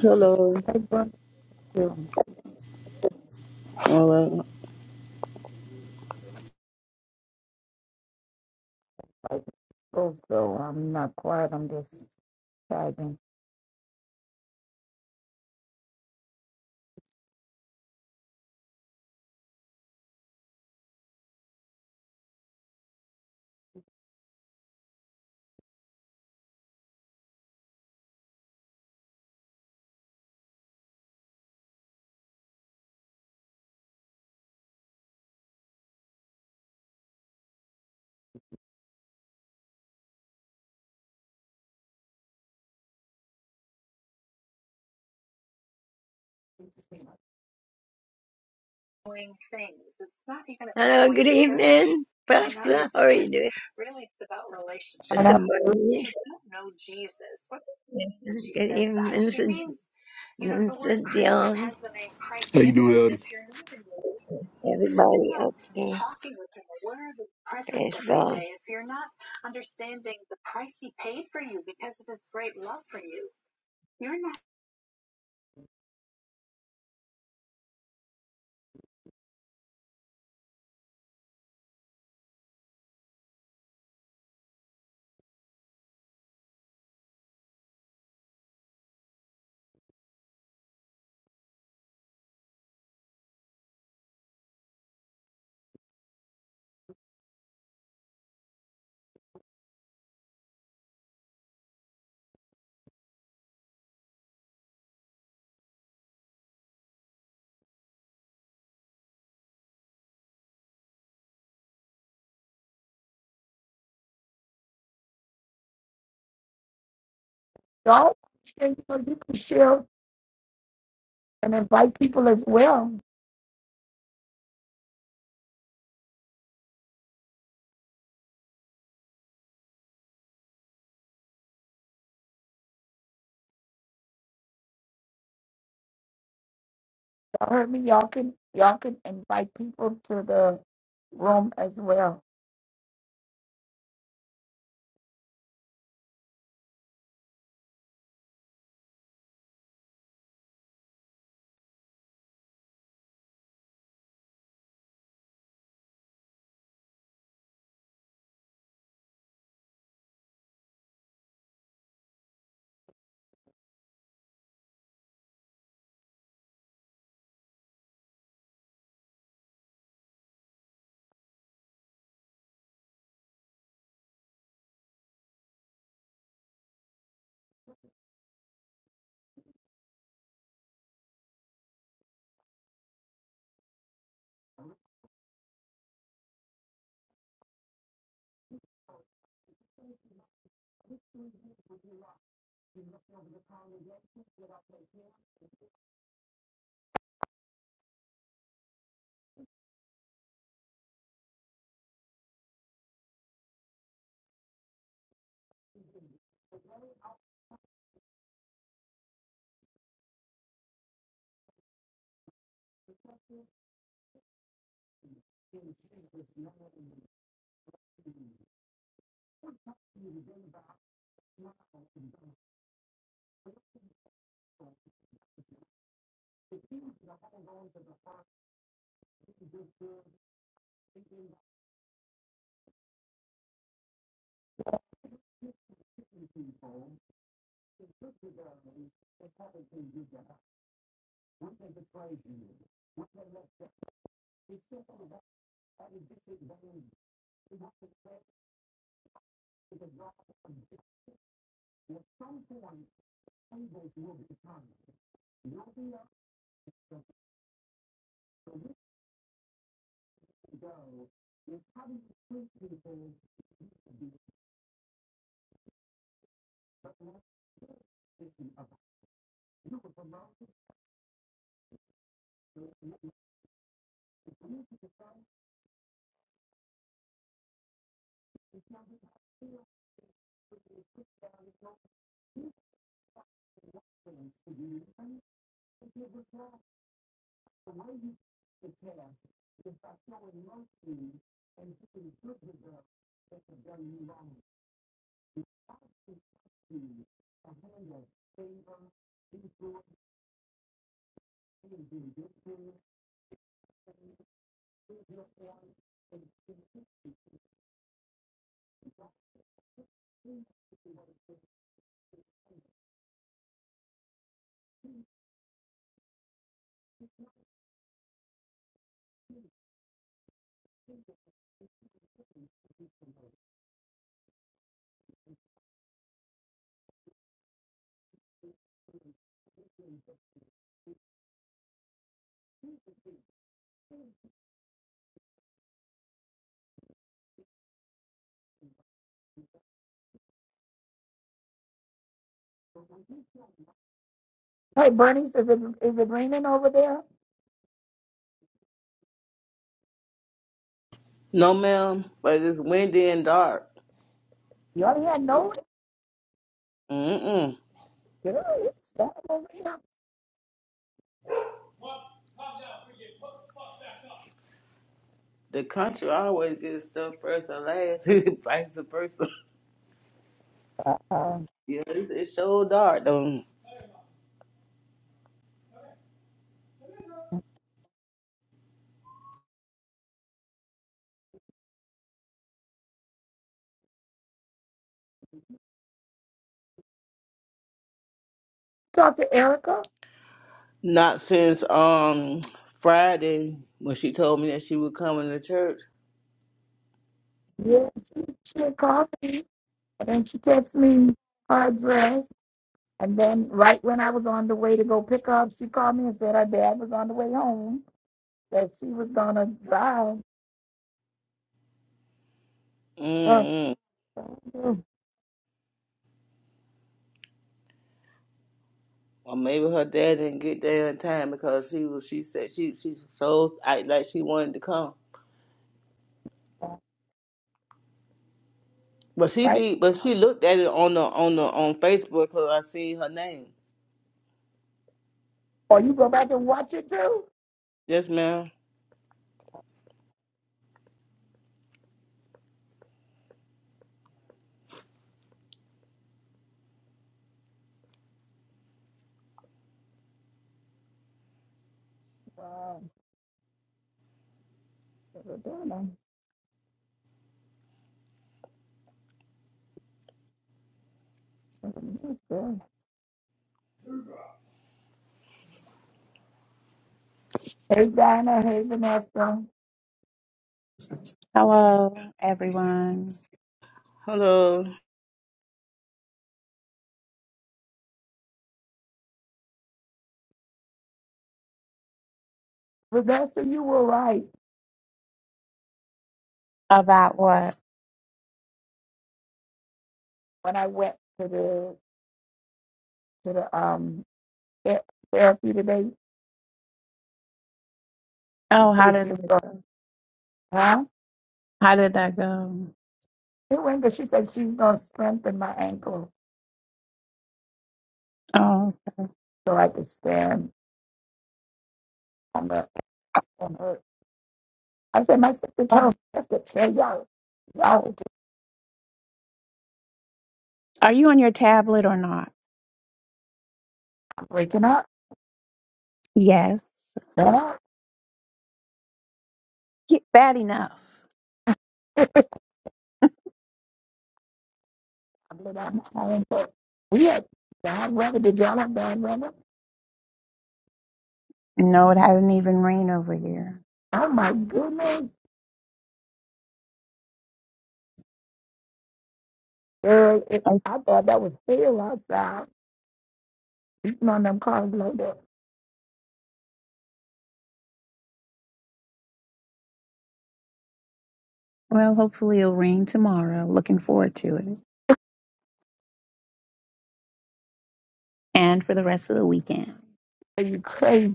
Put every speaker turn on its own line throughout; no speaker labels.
Hello.
Hey, Brenda, you
Hello.
like those, though. I'm not quiet. I'm just typing.
doing?
And
This
I
is Bernice. Minister, Minister Dion,
How you doing, Elder?
up Praise God.
Y'all share, you know, you can share and invite people as well. Y'all heard me. Y'all can y'all can invite people to the room as well. You have to say is about what someone believes will be the time. The idea for this to go is having the two people to be the best version of you for the longest time. You have to be able to do it to the side. It's not enough. You have to be able to go through the right things to do, and if you do this wrong, the way you test is actually nothing, and you can do the best that you've done in a long time. Hey, Bernie, is it is it raining over there?
No, ma'am, but it's windy and dark.
You already had no
Mm-mm.
rain. girl. It's down over here.
The country always gets stuff first and last, vice versa.
Uh,
Yeah, it's, it's so dark though.
talk to Erica.
Not since um Friday when she told me that she was coming to church.
Yeah, she she had called me, and then she texted me her address. And then right when I was on the way to go pick up, she called me and said her dad was on the way home. That she was gonna drive. Uh,
Mm-mm.
uh,
Or maybe her dad didn't get there in time because she was. She said she she's so act like she wanted to come,
uh,
but she
right?
be but she looked at it on the on the on Facebook because I see her name.
Or you go back and watch it too.
Yes, ma'am.
Wow. Hey Dinah, hey Vanessa.
Hello, everyone.
Hello.
Vanessa, you were right.
About what?
When I went to the to the um the- therapy today, she
Oh, how
said she
did
was
that
going,
go?
huh?
How did that go?
It went, but she said she's gonna strengthen my ankle
Oh,
so I could stand on the on her. I said, my sister
um,
told me that's the chair, y'all. Y'all
are you on your tablet or not?
I'm breaking up.
Yes.
Huh?
Get bad enough.
I blew out my ankle. We had bad weather. Did y'all have bad weather?
No, it hasn't even rained over here.
Oh my goodness, girl! It,
Oh,
I thought that was hell outside. Beating on them cars like that.
Well, hopefully it'll rain tomorrow. Looking forward to it. And for the rest of the weekend.
Are you crazy?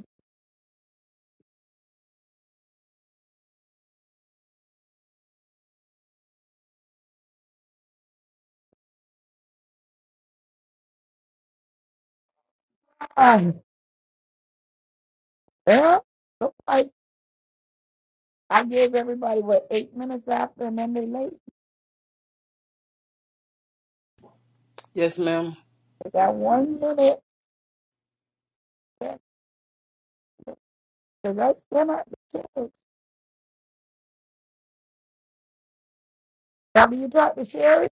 Uh yeah, looks like I gave everybody what eight minutes after, and then they late.
Yes, ma'am.
They got one minute. That's the rest of them are the kids. Now, do you talk to Sherry?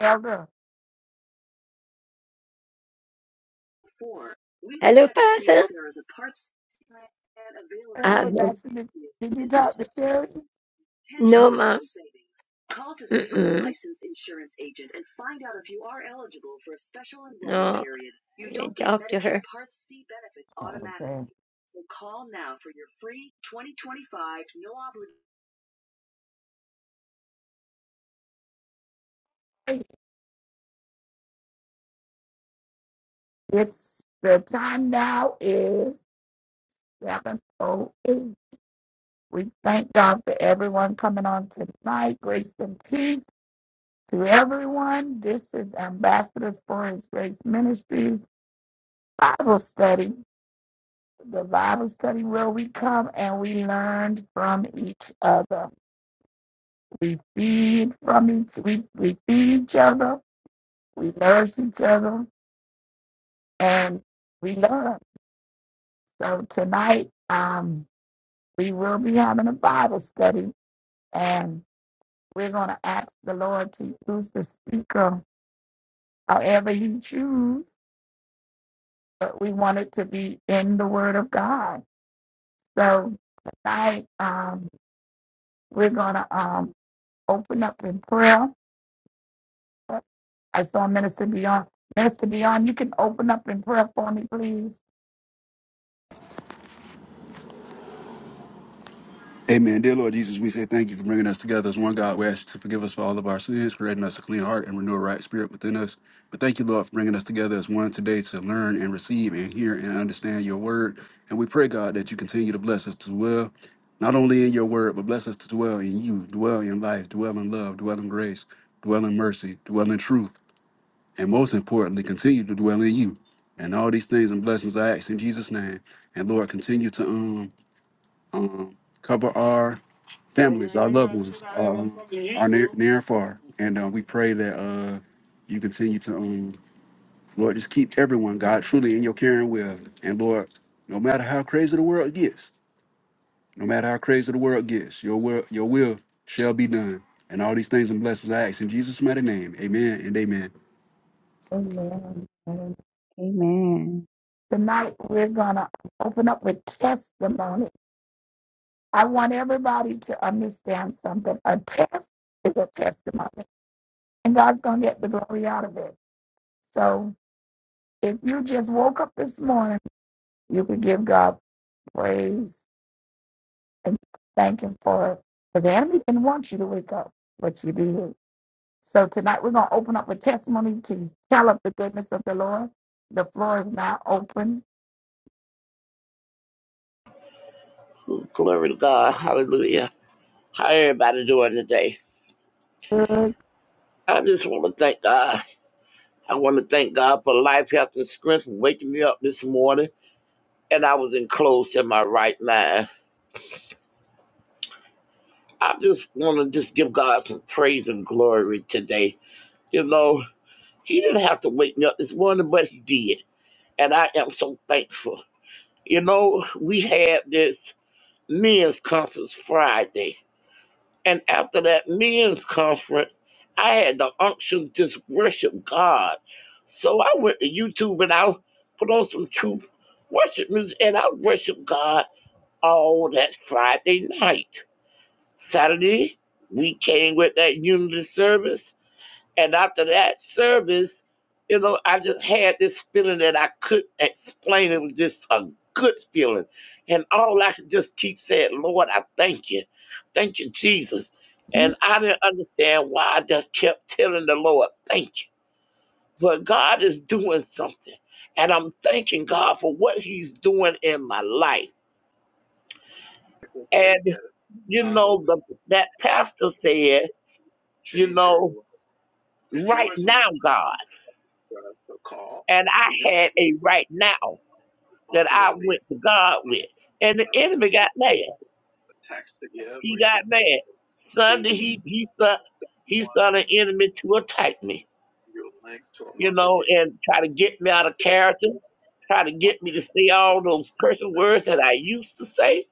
Elder. And I was asking, did did you talk to Sherry?
No, ma'am. Mm-mm. no, you talk to her.
Oh, okay. It's the time now is seven oh eight. We thank God for everyone coming on tonight. Grace and peace to everyone. This is Ambassadors for His Grace Ministries Bible study. the Bible study where we come and we learn from each other. We feed from each we, we feed each other, we nourish each other, and we learn. So tonight, um, we will be having a Bible study and we're gonna ask the Lord to use the speaker however you choose, but we want it to be in the word of God. So tonight, um, we're gonna um open up in prayer I saw Minister Beyond. Minister Beyond, you can open up in prayer for me, please.
Amen. Dear Lord Jesus, we say thank you for bringing us together as one God. We ask you to forgive us for all of our sins, creating us a clean heart and renew a right spirit within us. But thank you, Lord, for bringing us together as one today to learn and receive and hear and understand your word. And we pray, God, that you continue to bless us to dwell, not only in your word, but bless us to dwell in you, dwell in life, dwell in love, dwell in grace, dwell in mercy, dwell in truth, and most importantly, continue to dwell in you. And all these things and blessings I ask in Jesus' name. And Lord, continue to um um, cover our families, our loved ones, um, our near, near and far. And uh, we pray that uh, you continue to, um, Lord, just keep everyone, God, truly in your caring will. And Lord, no matter how crazy the world gets, no matter how crazy the world gets, your will, your will shall be done. And all these things and blessings I ask in Jesus' mighty name. Amen and amen.
Amen. Amen.
Amen.
Tonight, we're going to open up with testimony. I want everybody to understand something. A test is a testimony, and God's going to get the glory out of it. So if you just woke up this morning, you could give God praise and thank Him for it. Because the enemy didn't want you to wake up, but you did. So tonight we're going to open up a testimony to tell of the goodness of the Lord. The floor is now open.
Glory to God. Hallelujah. How everybody doing today?
Good.
I just want to thank God. I want to thank God for life, health, and strength for waking me up this morning. And I was enclosed in my right mind. I just want to just give God some praise and glory today. You know, He didn't have to wake me up this morning, but He did. And I am so thankful. You know, we had this men's conference Friday. And after that men's conference, I had the unction to just worship God. So I went to YouTube and I put on some true worship music and I worshiped God all that Friday night. Saturday, we came with that unity service and after that service, you know, I just had this feeling that I couldn't explain. It was just a good feeling. And all I could just keep saying, Lord, I thank you. Thank you, Jesus. And I didn't understand why I just kept telling the Lord, thank you. But God is doing something. And I'm thanking God for what He's doing in my life. And, you know, the, that pastor said, you know, right now, God. And I had a right now. that I went to God with. And the enemy got mad. He got mad. Sunday he he start he started an enemy to attack me, you know, and try to get me out of character, try to get me to say all those cursing words that I used to say,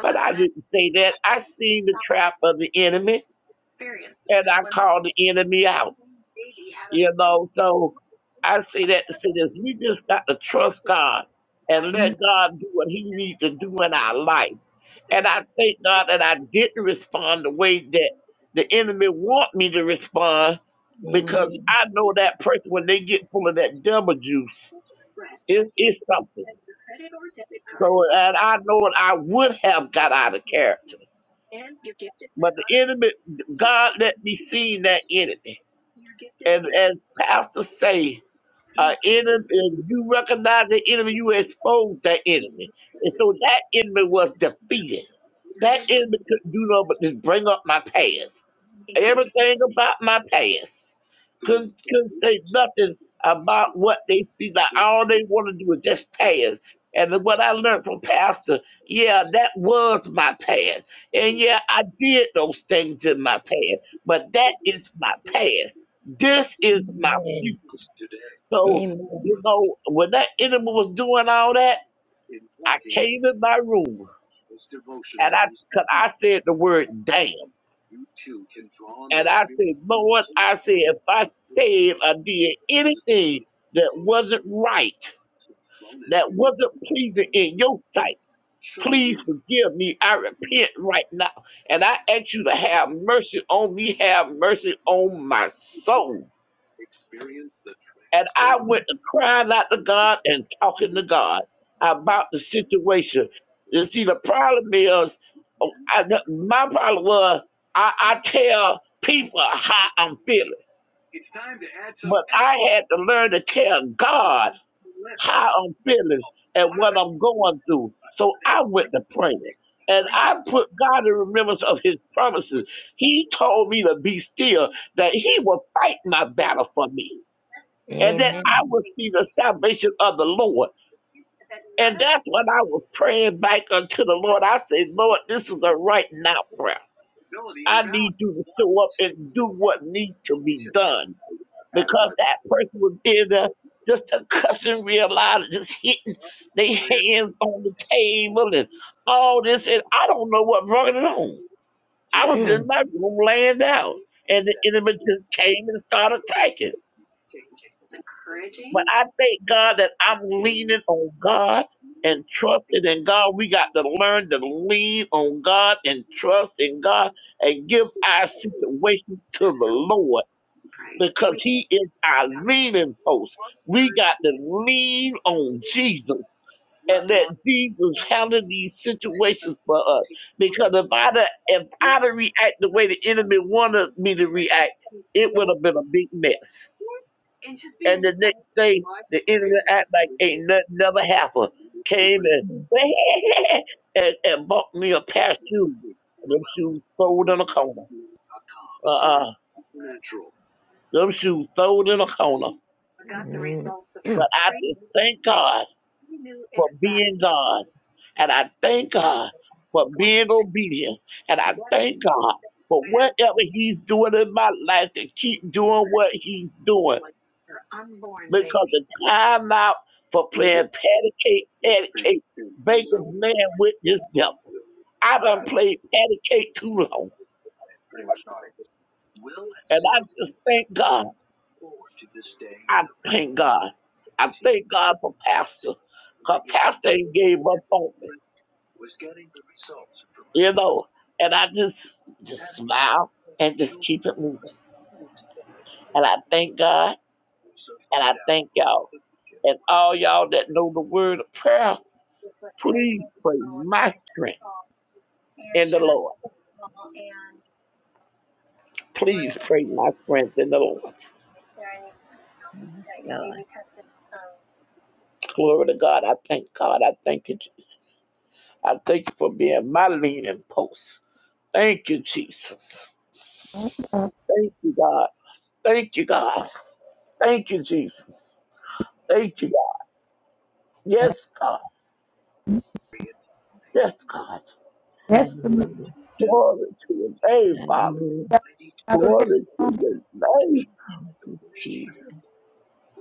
but I didn't say that. I seen the trap of the enemy and I called the enemy out. You know, so I say that to say this. We just got to trust God and let God do what He needs to do in our life. And I thank God that I didn't respond the way that the enemy want me to respond
Amen. Amen.
because I know that person when they get full of that devil juice, it, it's something. So, and I know that I would have got out of character, but the enemy, God let me see that enemy. And as Pastor say, uh, enemy, if you recognize the enemy, you expose that enemy. And so that enemy was defeated. That enemy couldn't do nothing but just bring up my past. Everything about my past. Couldn't, couldn't say nothing about what they see. Like all they want to do is just past. And then what I learned from Pastor, yeah, that was my past. And yeah, I did those things in my past. But that is my past. This is my future. So,
Amen. Mm.
you know, when that enemy was doing all that, I came in my room and I, cause I said the word damn. And I said, Lord, I said, if I said or did anything that wasn't right, that wasn't pleasing in your sight, please forgive me. I repent right now. And I ask you to have mercy on me, have mercy on my soul. And I went to crying out to God and talking to God about the situation. You see, the problem is, oh, I, my problem was, I, I tell people how I'm feeling, but I had to learn to tell God how I'm feeling and what I'm going through. So I went to prayer. And I put God in remembrance of his promises. He told me to be still, that he will fight my battle for me and that
Amen.
I would see the salvation of the Lord. And that's when I was praying back unto the Lord. I said, Lord, this is a right now prayer. I need you to show up and do what needs to be done because that person was in there just a cussing real loud and just hitting their hands on the table and all this. And I don't know what brought it on. I was in my room laying down and the enemy just came and started attacking. But I thank God that I'm leaning on God and trusting in God. We got to learn to lean on God and trust in God and give our situations to the Lord because He is our leaning post. We got to lean on Jesus and let Jesus handle these situations for us. Because if I'd have- if I'd have react the way the enemy wanted me to react, it would have been a big mess. And the next day, the enemy act like ain't nothing never happened. Came and,
Mm.
and and bought me a pair of shoes. Them shoes sold in a corner. Uh-uh. Them shoes sold in a corner. But I just thank God for being God. And I thank God for being obedient. And I thank God for whatever he's doing in my life to keep doing what he's doing. because the time out for playing patty cake, patty cake, baker's man with this devil. I done played patty cake too long. And I just thank God. I thank God. I thank God for Pastor. Her pastor ain't gave up on me, you know. And I just just smile and just keep it moving. And I thank God and I thank y'all. And all y'all that know the word of prayer, please pray my strength in the Lord. Please pray my friends in the Lord.
Yes, God.
Glory to God. I thank God. I thank you, Jesus. I thank you for being my leaning post. Thank you, Jesus. Thank you, God. Thank you, God. Thank you, Jesus. Thank you, God. Yes, God. Yes, God.
Testimony.
Hallelujah.
Glory to your name, Father.
Hallelujah.
Another
Glory to
testimony.
your name.
Thank you, Jesus.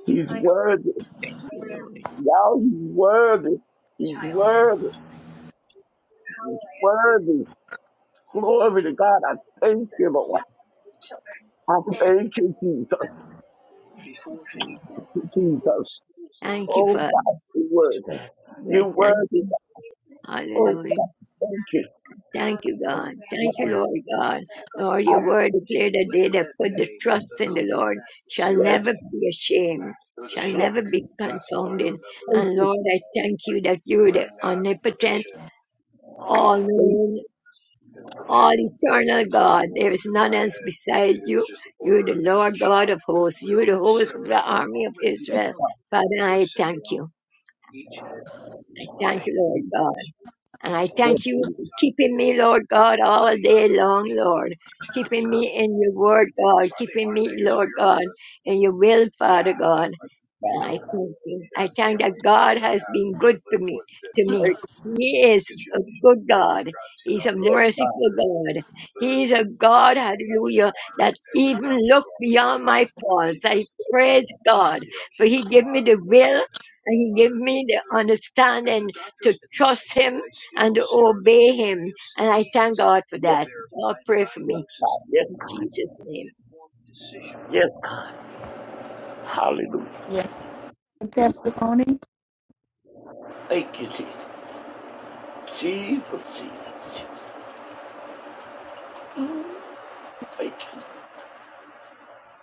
He's worthy.
Thank you, Lord.
Y'all, he's worthy. He's worthy. Worthy. Glory to God. I thank you, Lord. I thank you, Jesus.
Thank you, Jesus.
Jesus.
Thank you,
Oh
Father.
God, you word.
I
You
Thank
word
you
is oh God,
Hallelujah.
thank you.
Thank you,
Thank
God.
you,
Thank you, Lord God. Lord,
God,
your word declared that they that put the trust in the Lord shall
Yes,
never be ashamed, shall
yes,
never be confounded.
thank
And
you,
Lord, I thank you that you're the omnipotent, all
thank
knowing, all eternal God. There is none else besides you. You're the Lord God of hosts. You're the host of the army of Israel. Father, I thank you. I thank you, Lord God. And I
you,
thank you for keeping me, Lord God, all day long, Lord. Keeping me in your word, God. Keeping me, Lord God, in your will, Father God. And I thank you. I thank that God has been good for me, to me.
thank you.
He is a good God. He's a
Yes,
merciful God. He's a God, hallelujah, that even look beyond my faults. I praise God, for He gave me the will and He gave me the understanding to trust Him and obey Him. And I thank God for that. God, pray for
yes,
me
God, yes,
in Jesus' name.
yes. Hallelujah,
Yeah.
Jesus.
A testimony.
Thank you, Jesus. Jesus, Jesus, Jesus. Thank you, Jesus.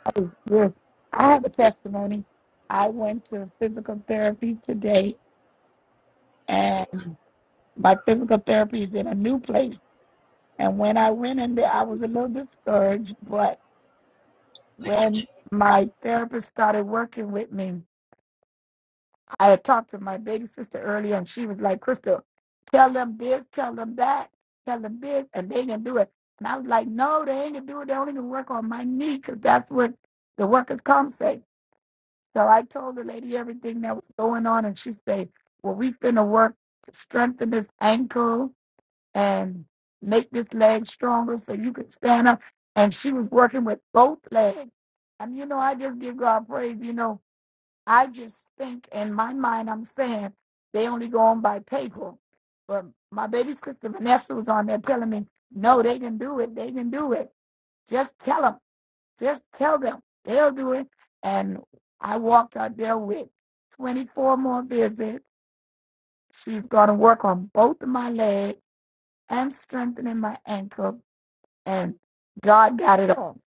That was good. I have a testimony. I went to physical therapy today, and my physical therapy is in a new place. And when I went in there, I was a little discouraged, but
Thank you,
when
Jesus.
my therapist started working with me, I had talked to my baby sister earlier, and she was like, Crystal, tell them this, tell them that, tell them this, and they can do it. And I was like, no, they ain't gonna do it. They only gonna work on my knee because that's what the workers' comp say. So I told the lady everything that was going on, and she said, well, we finna work to strengthen this ankle and make this leg stronger so you could stand up. And she was working with both legs. And you know, I just give God praise. You know, I just think in my mind, I'm saying they only go on by paper. But my baby sister Vanessa was on there telling me, no, they can do it. They can do it. Just tell them. Just tell them. They'll do it. And I walked out there with 24 more visits. She's going to work on both of my legs and strengthening my ankle and God got it all.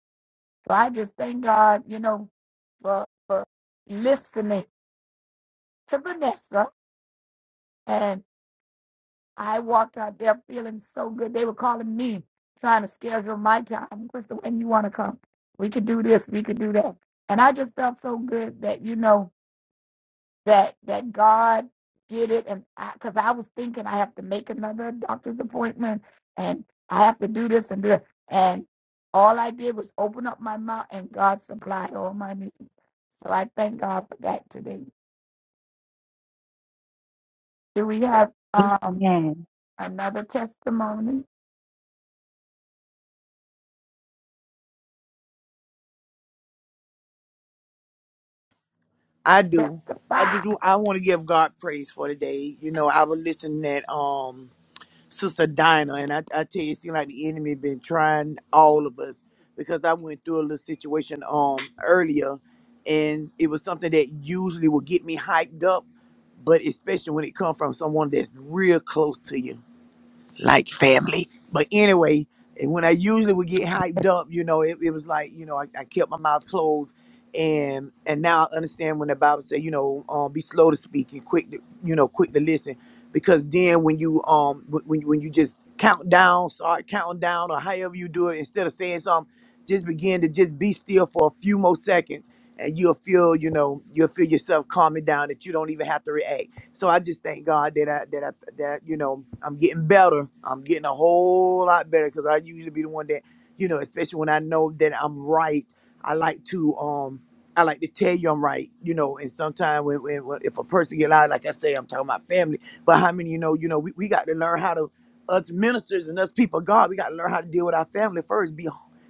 So I just thank God, you know, for for listening to Vanessa. And I walked out there feeling so good. They were calling me, trying to schedule my time. Crystal, when you want to come, we could do this, we could do that. And I just felt so good that you know. that that God did it, and because I, 'cause I was thinking I have to make another doctor's appointment, and I have to do this and do that, and all I did was open up my mouth, and God supplied all my needs. So I thank God for that today. Do we have um
Amen.
another testimony?
I do. I
Testify.
just wa- I want to give God praise for today. You know, I was listening at um Sister Dinah, and I, I tell you, it seems like the enemy been trying all of us because I went through a little situation um earlier, and it was something that usually would get me hyped up, but especially when it comes from someone that's real close to you like family. But anyway, and when I usually would get hyped up, you know, it, it was like, you know, I, I kept my mouth closed. And and now I understand when the Bible says you know, um, be slow to speak and quick to, you know, quick to listen. Because then when you um when when when you just count down, start counting down or however you do it, instead of saying something, just begin to just be still for a few more seconds and you'll feel, you know, you'll feel yourself calming down that you don't even have to react so I just thank God that I that I that you know I'm getting better. I'm getting a whole lot better because I usually be the one that you know, especially when I know that I'm right. I like to um I like to tell you I'm right, you know. And sometimes when, when, when if a person get out, like I say, I'm talking about family. But how many you know? You know, we, we got to learn how to us ministers and us people of God. We got to learn how to deal with our family first. Be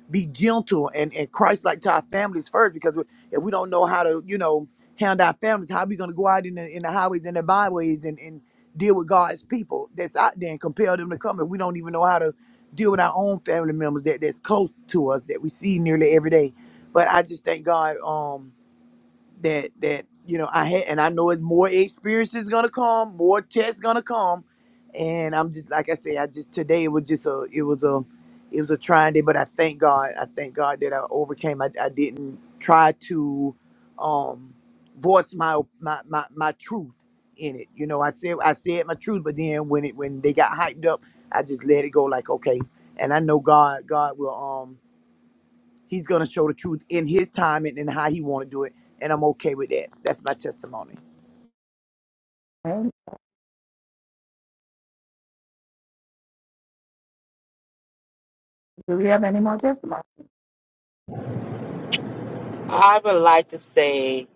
be gentle and and Christ like to our families first because if we don't know how to, you know handle our families? How are we going to go out in the, in the highways and the byways and, and deal with God's people that's out there and compel them to come? And we don't even know how to deal with our own family members that, that's close to us that we see nearly every day. But I just thank God. Um, that that you know I had, and I know it's more experience is gonna come, more tests gonna come, and I'm just like I say, I just today it was just a it was a it was a trying day, but I thank God, I thank God that I overcame. I, I didn't try to um voice my, my my my truth in it. You know, I said I said my truth, but then when it when they got hyped up, I just let it go. Like okay, and I know God God will um He's gonna show the truth in his time and, and how he want to do it, and I'm okay with that. That's my testimony.
Amen. Do we have any more testimony?
I would like to say,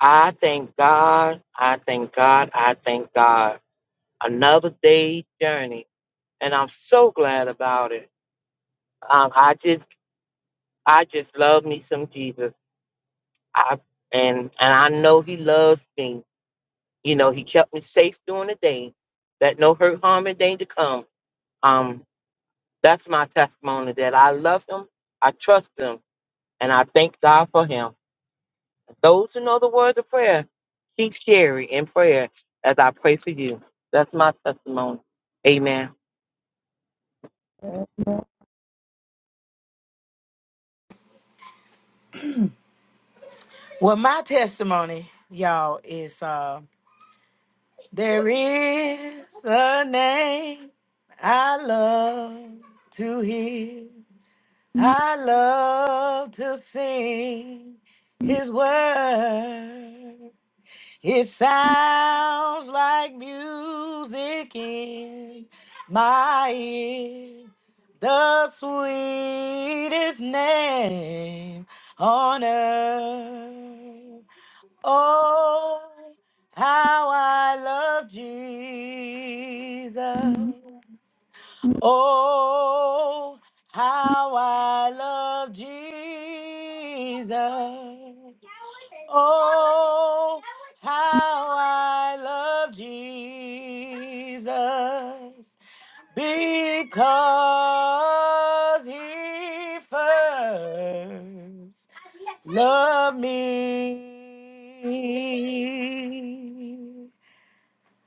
I thank God, I thank God, I thank God. Another day's journey, and I'm so glad about it. Um, I just, I just love me some Jesus. I and and I know He loves me. You know, He kept me safe during the day. That no hurt, harm, and danger come. Um, that's my testimony that I love Him, I trust Him, and I thank God for Him. Those who know the words of prayer, keep sharing in prayer as I pray for you. That's my testimony. Amen.
Amen.
Well, my testimony, y'all, is uh, there is a name I love to hear.
Mhm.
I love to sing his word. It sounds like music in my ear. The sweetest name on earth. Oh, how I love Jesus. Oh, how I love Jesus. Oh, how I love Jesus because he first loved me.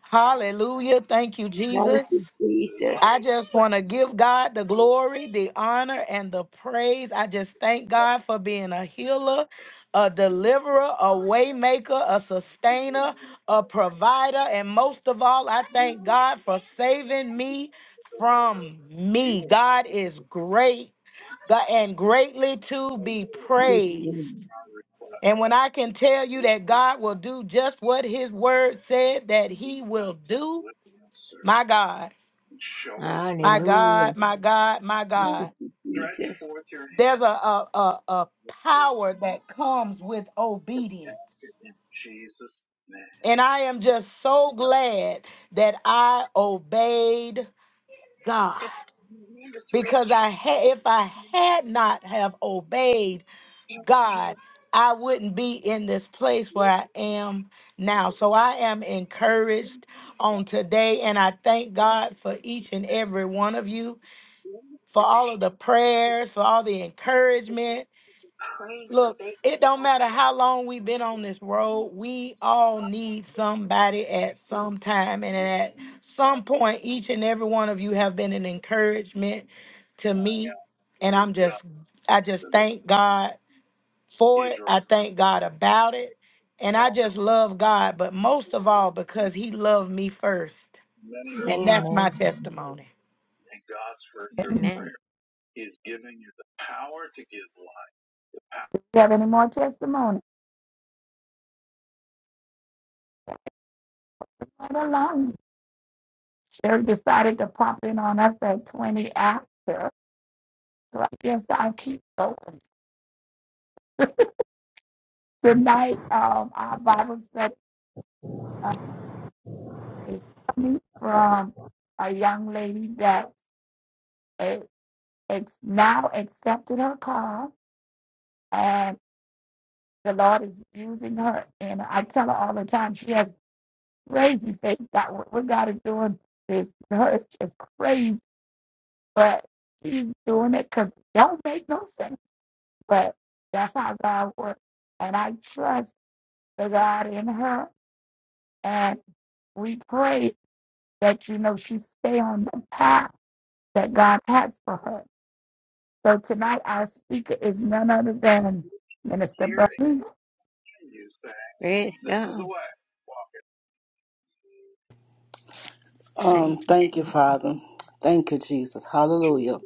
Hallelujah. Thank you,
Thank
Jesus.
you, Jesus.
I just want to give God the glory, the honor, and the praise. I just thank God for being a healer, a deliverer, a waymaker, a sustainer, a provider, and most of all, I thank God for saving me from me. God is great God, and greatly to be
Thank you,
praised.
Jesus.
And when I can tell you that God will do just what his word said that he will do, my God. My
Hallelujah.
God, my God, my
Thank
God.
you, Jesus.
There's a, a, a, a power that comes with obedience. And I am just so glad that I obeyed God. Because I had if I had not have obeyed God, I wouldn't be in this place where I am now. So I am encouraged on today and I thank God for each and every one of you. for all of the prayers, for all the encouragement. Look, it don't matter how long we've been on this road, we all need somebody at some time. And at some point, each and every one of you have been an encouragement to me. And I'm just, I just thank God for it. I thank God about it. And I just love God, but most of all, because He loved me first.
Amen.
And that's my
Amen.
testimony.
Do we have any more testimony? Right along. Sherry decided to pop in on us at 20 after. So I guess I'll keep going. Tonight, um, our Bible study uh, is coming from a young lady that is ex- now accepted her call, and the Lord is using her. And I tell her all the time, she has crazy faith. God, what what God is doing is her is just crazy, but she's doing it because it don't make no sense But that's how God works. And I trust the God in her. And we pray that, you know, she stay on the path that God has for her. So tonight, our speaker is none other than Minister Burley.
Praise God.
Um,
Thank you,
thank you,
Jesus.
Father. Thank you, Jesus. Hallelujah.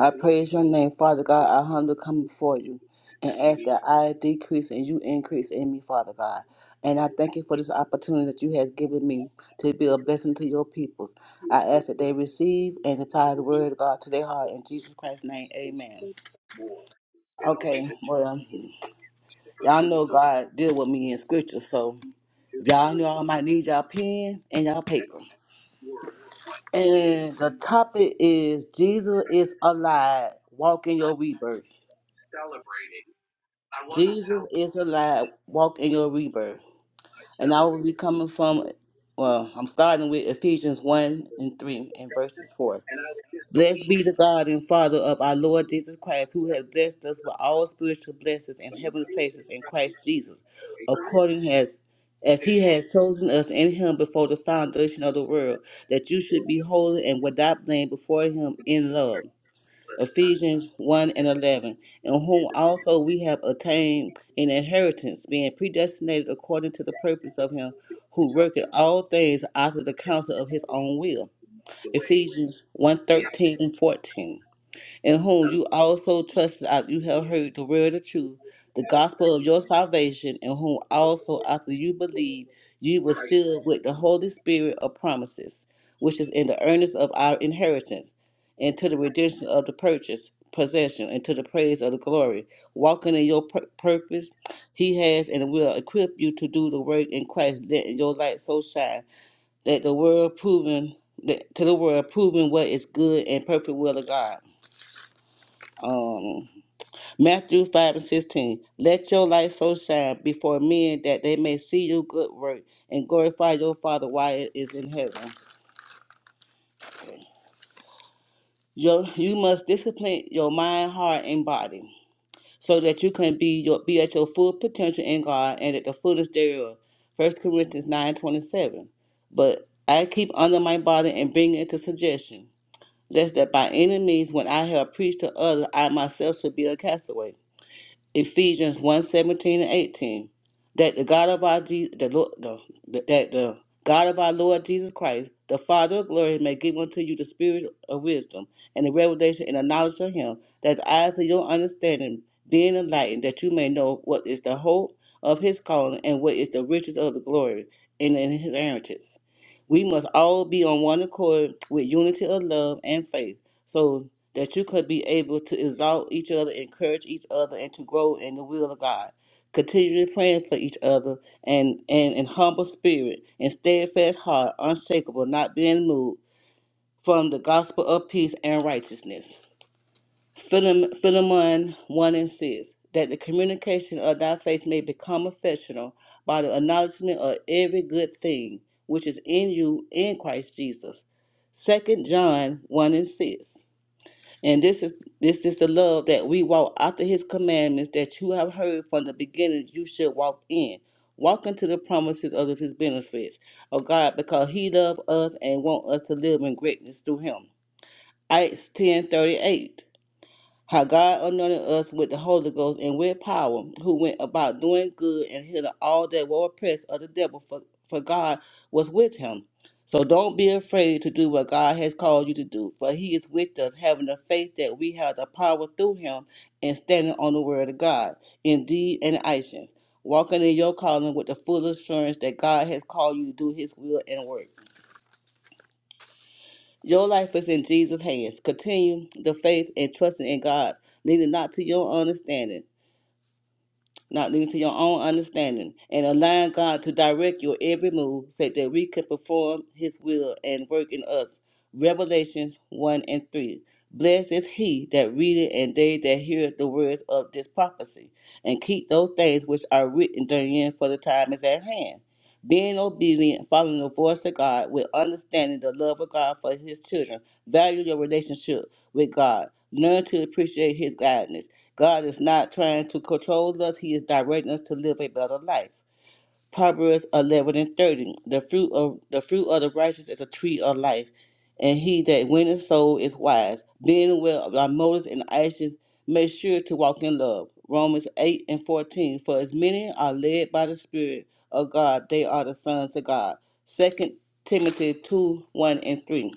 I praise your name, Father God. I humbly come before you and ask that I decrease and you increase in me, Father God. And I thank you for this opportunity that you have given me to be a blessing to your peoples. I ask that they receive and apply the word of God to their heart in Jesus Christ's name. Amen. Okay, well, y'all know God deal with me in scripture, so if y'all know I might need y'all pen and y'all paper. And the topic is Jesus is alive. Walk in your rebirth. Jesus is alive. Walk in your rebirth. And I will be coming from, well, I'm starting with Ephesians 1 and 3 and verses 4. Blessed be the God and Father of our Lord Jesus Christ, who has blessed us with all spiritual blessings in heavenly places in Christ Jesus, according as as he has chosen us in him before the foundation of the world, that you should be holy and without blame before him in love Ephesians 1 and 11, in whom also we have attained an inheritance, being predestinated according to the purpose of Him who worketh all things after the counsel of His own will. Ephesians one thirteen and 14 in whom you also trusted after you have heard the word of truth, the gospel of your salvation, in whom also after you believed, you were sealed with the Holy Spirit of promises, which is in the earnest of our inheritance, and to the redemption of the purchase, possession, and to the praise of the glory, walking in your pur- purpose he has and will equip you to do the work in Christ, letting your light so shine that the world proving that to the world proving what is good and perfect will of God um, Matthew 5 and 16. Let your light so shine before men that they may see your good work and glorify your Father while it is in heaven. Your, you must discipline your mind, heart, and body so that you can be your, be at your full potential in God and at the fullness thereof. First Corinthians 9 27. But I keep under my body and bring it to suggestion, lest that by any means, when I have preached to others, I myself should be a castaway. Ephesians one seventeen and 18. That the God of our Je- the, Lord, the, that the God of our Lord Jesus Christ, the Father of glory, may give unto you the spirit of wisdom and the revelation and the knowledge of him, that the eyes of your understanding being enlightened, that you may know what is the hope of his calling and what is the riches of the glory and in his inheritance. We must all be on one accord with unity of love and faith. So that you could be able to exalt each other, encourage each other, and to grow in the will of God. Continually praying for each other and, and in humble spirit and steadfast heart, unshakable, not being moved from the gospel of peace and righteousness. Philem- Philemon 1 and 6 That the communication of thy faith may become affectional by the acknowledgement of every good thing which is in you in Christ Jesus. Second John 1 and 6 and this is this is the love that we walk after his commandments that you have heard from the beginning you should walk in. Walk into the promises of his benefits, of God, because he loved us and want us to live in greatness through him. Acts ten thirty eight how God anointed us with the Holy Ghost and with power, who went about doing good and healing all that were oppressed of the devil, for, for God was with him. So don't be afraid to do what God has called you to do, for he is with us, having the faith that we have the power through him and standing on the word of God, in deed and actions, walking in your calling with the full assurance that God has called you to do his will and work. Your life is in Jesus' hands. Continue the faith and trusting in God, leaning not to your understanding, not leaning to your own understanding, and allowing God to direct your every move so that we can perform His will and work in us. Revelations 1 and 3. Blessed is he that readeth and they that hear the words of this prophecy, and keep those things which are written therein, for the time is at hand. Being obedient, following the voice of God, with understanding the love of God for his children. Value your relationship with God. Learn to appreciate his guidance God is not trying to control us, He is directing us to live a better life. Proverbs 11 and 30. The fruit of the fruit of the righteous is a tree of life, and he that winneth soul is wise. Being aware of our motives and actions, make sure to walk in love. Romans 8 and 14. For as many are led by the Spirit of God, they are the sons of God. Second Timothy 2 1 and 3.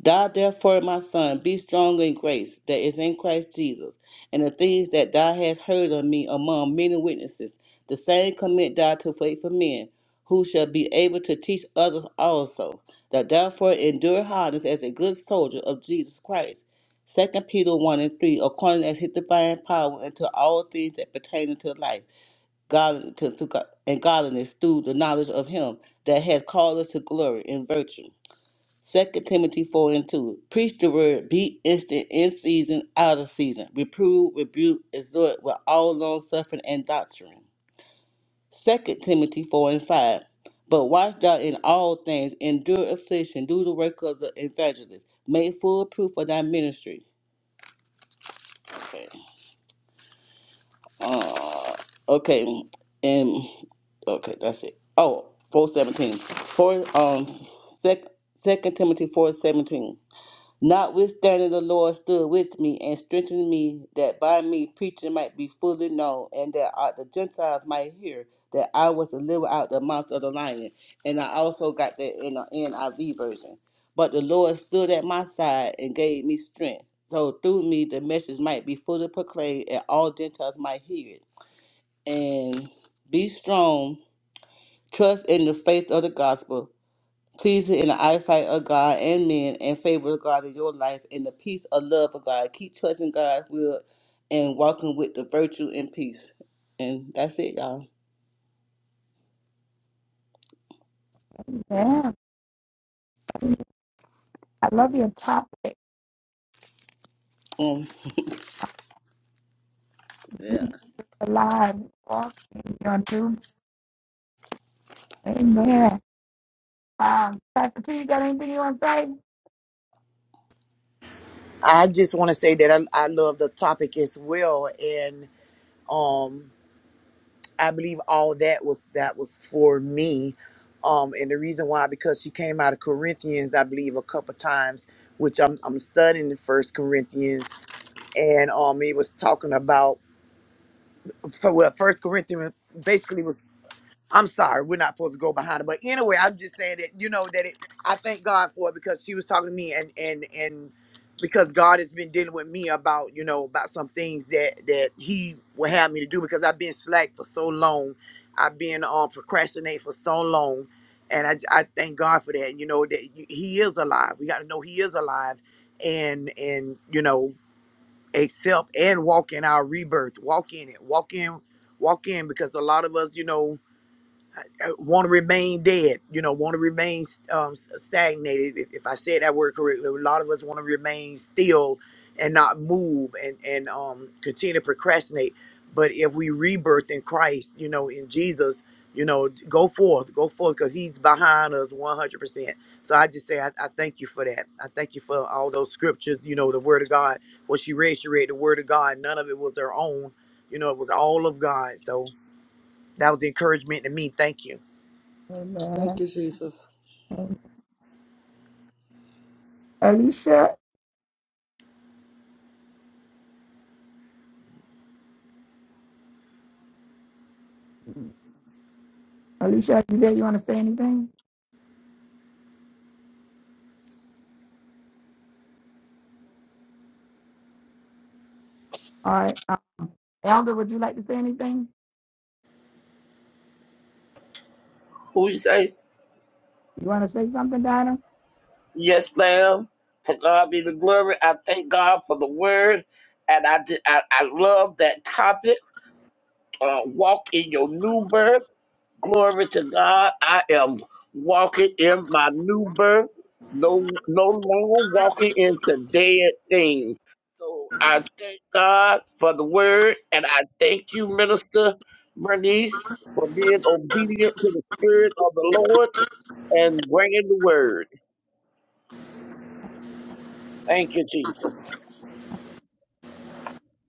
Die therefore, my son, be strong in grace that is in Christ Jesus, and the things that thou hast heard of me among many witnesses, the same commit thou to faithful men, who shall be able to teach others also. That therefore endure hardness as a good soldier of Jesus Christ. Second Peter 1 and 3, according as his divine power unto all things that pertain to life, godliness, and godliness through the knowledge of him that has called us to glory and virtue Second Timothy four and two. Preach the word, be instant in season, out of season. Reprove, rebuke, exhort with all long suffering and doctrine. Second Timothy four and five. But watch thou in all things, endure affliction, do the work of the evangelist, make full proof of thy ministry. Okay. Uh, okay. And okay, that's it. Oh, four seventeen. Four um sec, second Timothy four seventeen. Notwithstanding, the Lord stood with me and strengthened me, that by me preaching might be fully known, and that uh, the Gentiles might hear that I was delivered out of the mouth of the lion. And I also got that in the NIV version. But the Lord stood at my side and gave me strength, so through me the message might be fully proclaimed, and all Gentiles might hear it. And be strong, trust in the faith of the gospel, pleasing in the eyesight of God and men, and favor of God in your life, and the peace of love of God. Keep trusting God's will and walking with the virtue and peace. And that's it, y'all.
Yeah. I love your topic.
Um, yeah.
Jesus alive, walking in your new. Amen. Um, Pastor P, you got anything you want to say?
I just want to say that I, I love the topic as well, and um, I believe all that was that was for me, um, and the reason why because she came out of Corinthians, I believe a couple times, which I'm I'm studying the First Corinthians, and um, it was talking about for well First Corinthians basically was. I'm sorry, we're not supposed to go behind it. But anyway, I'm just saying that, you know, that it I thank God for it because she was talking to me and and and because God has been dealing with me about, you know, about some things that that he would have me to do because I've been slack for so long. I've been um procrastinate for so long. And I, I thank God for that. You know, that he is alive. We gotta know he is alive and and you know, accept and walk in our rebirth. Walk in it. Walk in walk in because a lot of us, you know, want to remain dead, you know, want to remain um, stagnated. If, if I said that word correctly, a lot of us want to remain still and not move and, and um, continue to procrastinate. But if we rebirth in Christ, you know, in Jesus, you know, go forth, go forth because he's behind us 100%. So I just say, I, I thank you for that. I thank you for all those scriptures, you know, the word of God. What she read, she read the word of God. None of it was her own. You know, it was all of God. So that was the encouragement to me. Thank you.
Amen.
Thank you, Jesus.
Alicia, Alicia, you there? You want to say anything? All right. Elder, would you like to say anything?
Who you say?
You want to say something, Dinah?
Yes, ma'am. To God be the glory. I thank God for the word. And I, did, I, I love that topic. Uh, walk in your new birth. Glory to God. I am walking in my new birth. No, no longer walking into dead things. So I thank God for the word, and I thank you, Minister Bernice, for being obedient to the Spirit of the Lord and bringing the word. Thank you, Jesus.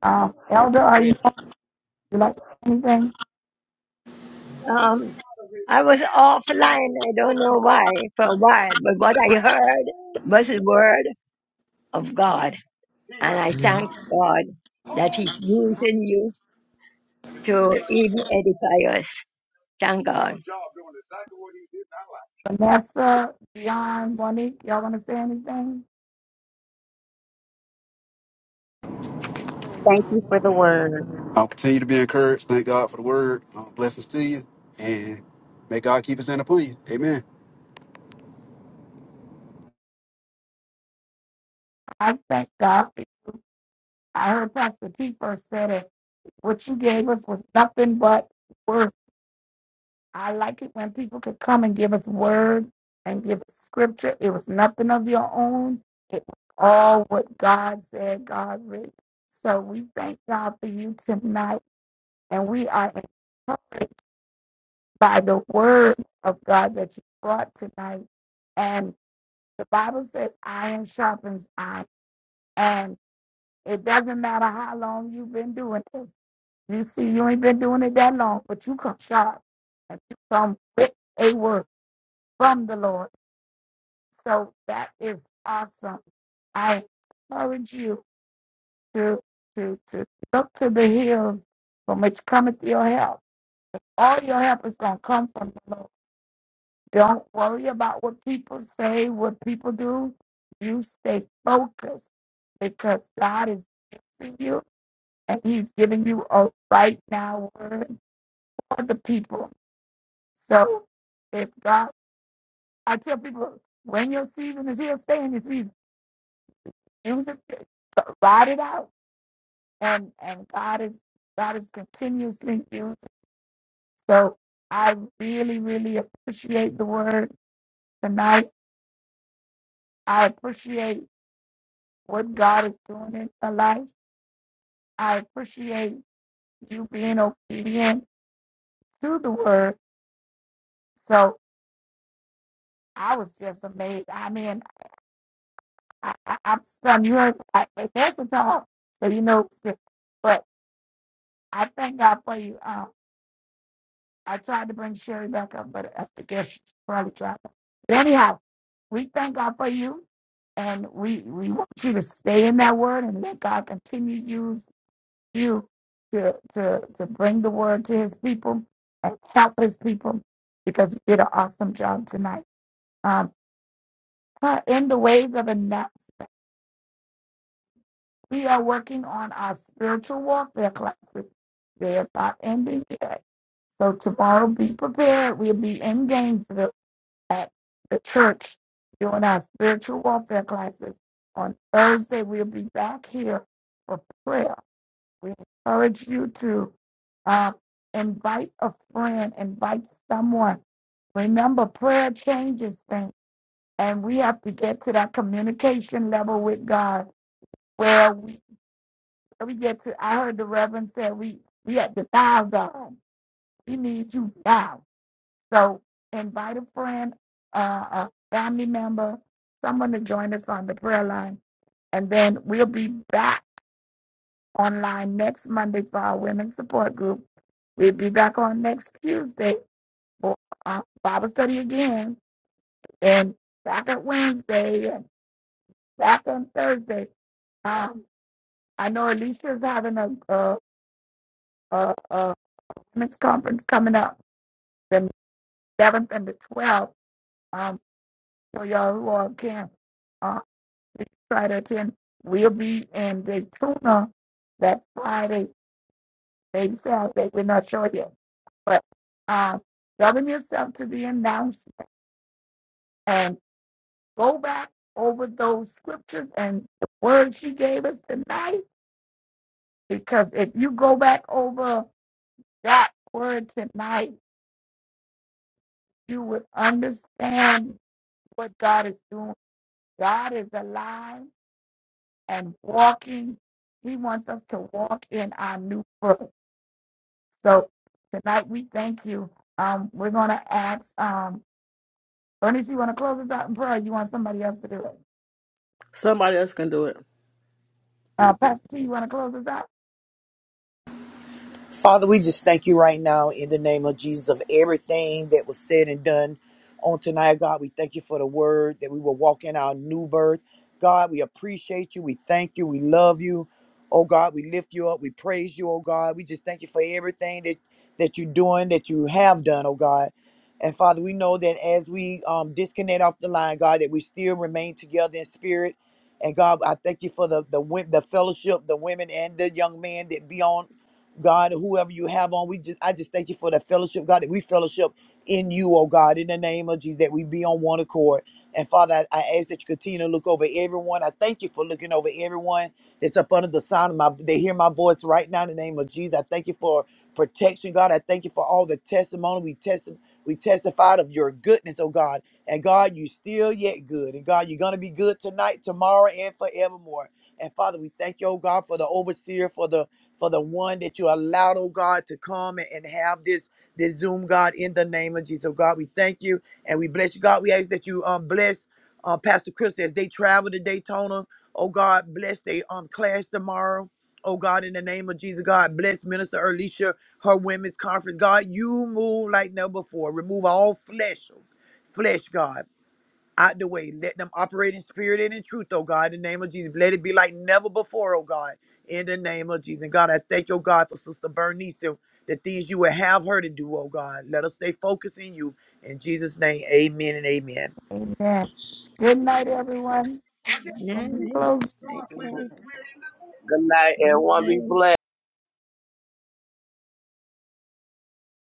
Um, Elder, are you,
Praise
would you like to say anything?
Um, I was offline. I don't know why for a while, but what I heard was the word. of God. And I thank God that He's using you to even edify us. Thank God.
Vanessa, Dion, Monique, y'all want to say anything?
Thank you for the word.
I'll continue to be encouraged. Thank God for the word. Uh, blessings to you. And may God keep his hand upon you. Amen.
I thank God. I heard Pastor T first said it. What you gave us was nothing but word. I like it when people could come and give us word and give us scripture. It was nothing of your own. It was all what God said, God written. So we thank God for you tonight, and we are encouraged by the word of God that you brought tonight. And the Bible says iron sharpens iron. And it doesn't matter how long you've been doing this. You see, you ain't been doing it that long, but you come sharp and you come with a word from the Lord. So that is awesome. I encourage you to to to look to the hills from which cometh your help. All your help is gonna come from the Lord. Don't worry about what people say, what people do. You stay focused because God is using you and He's giving you a right now word for the people. So if God, I tell people, when your season is here, stay in your season. Use it, ride it out, and and God is God is continuously using. So I really, really appreciate the word tonight. I appreciate what God is doing in my life. I appreciate you being obedient to the word. So I was just amazed. I mean, I, I, I'm stunned. You heard, I, I- there's a talk, so you know, it's good. but I thank God for you. Um, I tried to bring Sherry back up, but I guess she's probably dropped. But anyhow, we thank God for you, and we we want you to stay in that word and let God continue to use. you to, to, to bring the word to his people and help his people because you did an awesome job tonight. Um, uh, in the ways of announcement, we are working on our spiritual warfare classes. They are not ending yet. So tomorrow, be prepared. We'll be in Gainesville at the church doing our spiritual warfare classes. On Thursday, we'll be back here for prayer We encourage you to uh, invite a friend, invite someone. Remember, prayer changes things, and we have to get to that communication level with God where we, we get to. I heard the Reverend say we we have to dial God. We need you now. So invite a friend, uh, a family member, someone to join us on the prayer line, and then we'll be back online next Monday for our women's support group. We'll be back on next Tuesday for uh, Bible study again, and back on Wednesday, and back on Thursday. Um, I know Alicia's having a, a, a, a women's conference coming up the 7th and the 12th. Um, for y'all who are can uh, try to attend. We'll be in Daytona that Friday Maybe Saturday, we're not sure yet. But um, govern yourself to the announcement and go back over those scriptures and the word she gave us tonight. Because if you go back over that word tonight, you would understand what God is doing. God is alive and walking. He wants us to walk in our new birth. So tonight we thank you. Um, we're going to ask. Um, Ernest, you want to close us out in prayer? Or you want somebody else to do it?
Somebody else can do it.
Uh, Pastor T, you want to close us out?
Father, we just thank you right now in the name of Jesus of everything that was said and done on tonight, God. We thank you for the word that we will walk in our new birth. God, we appreciate you. We thank you. We love you. Oh God, we lift you up. We praise you, oh God. We just thank you for everything that, that you're doing, that you have done, oh God. And Father, we know that as we um, disconnect off the line, God, that we still remain together in spirit. And God, I thank you for the the wo- the fellowship, the women and the young men that be on God, whoever you have on, we just I just thank you for the fellowship, God, that we fellowship in you, oh God, in the name of Jesus, that we be on one accord. And Father, I, I ask that you continue to look over everyone. I thank you for looking over everyone that's up under the sound of my they hear my voice right now in the name of Jesus. I thank you for protection, God. I thank you for all the testimony we testi- we testified of your goodness, oh God. And God, you still yet good. And God, you're gonna be good tonight, tomorrow, and forevermore. And Father, we thank you, oh God, for the overseer, for the for the one that you allowed, oh God, to come and and have this this Zoom, God, in the name of Jesus. Oh God, we thank you and we bless you, God. We ask that you um bless uh, Pastor Chris as they travel to Daytona. Oh God, bless they um class tomorrow. Oh God, in the name of Jesus, God, bless Minister Alicia, her women's conference. God, you move like never before. Remove all flesh, flesh, God out the way. Let them operate in spirit and in truth, oh God, in the name of Jesus. Let it be like never before, oh God, in the name of Jesus. And God, I thank you, oh God, for Sister Bernice, the the things you would have her to do, oh God. Let us stay focused in you. In Jesus' name, amen and amen.
Amen. Good night, everyone. Let me close.
Good night, and one be
Amen.
blessed.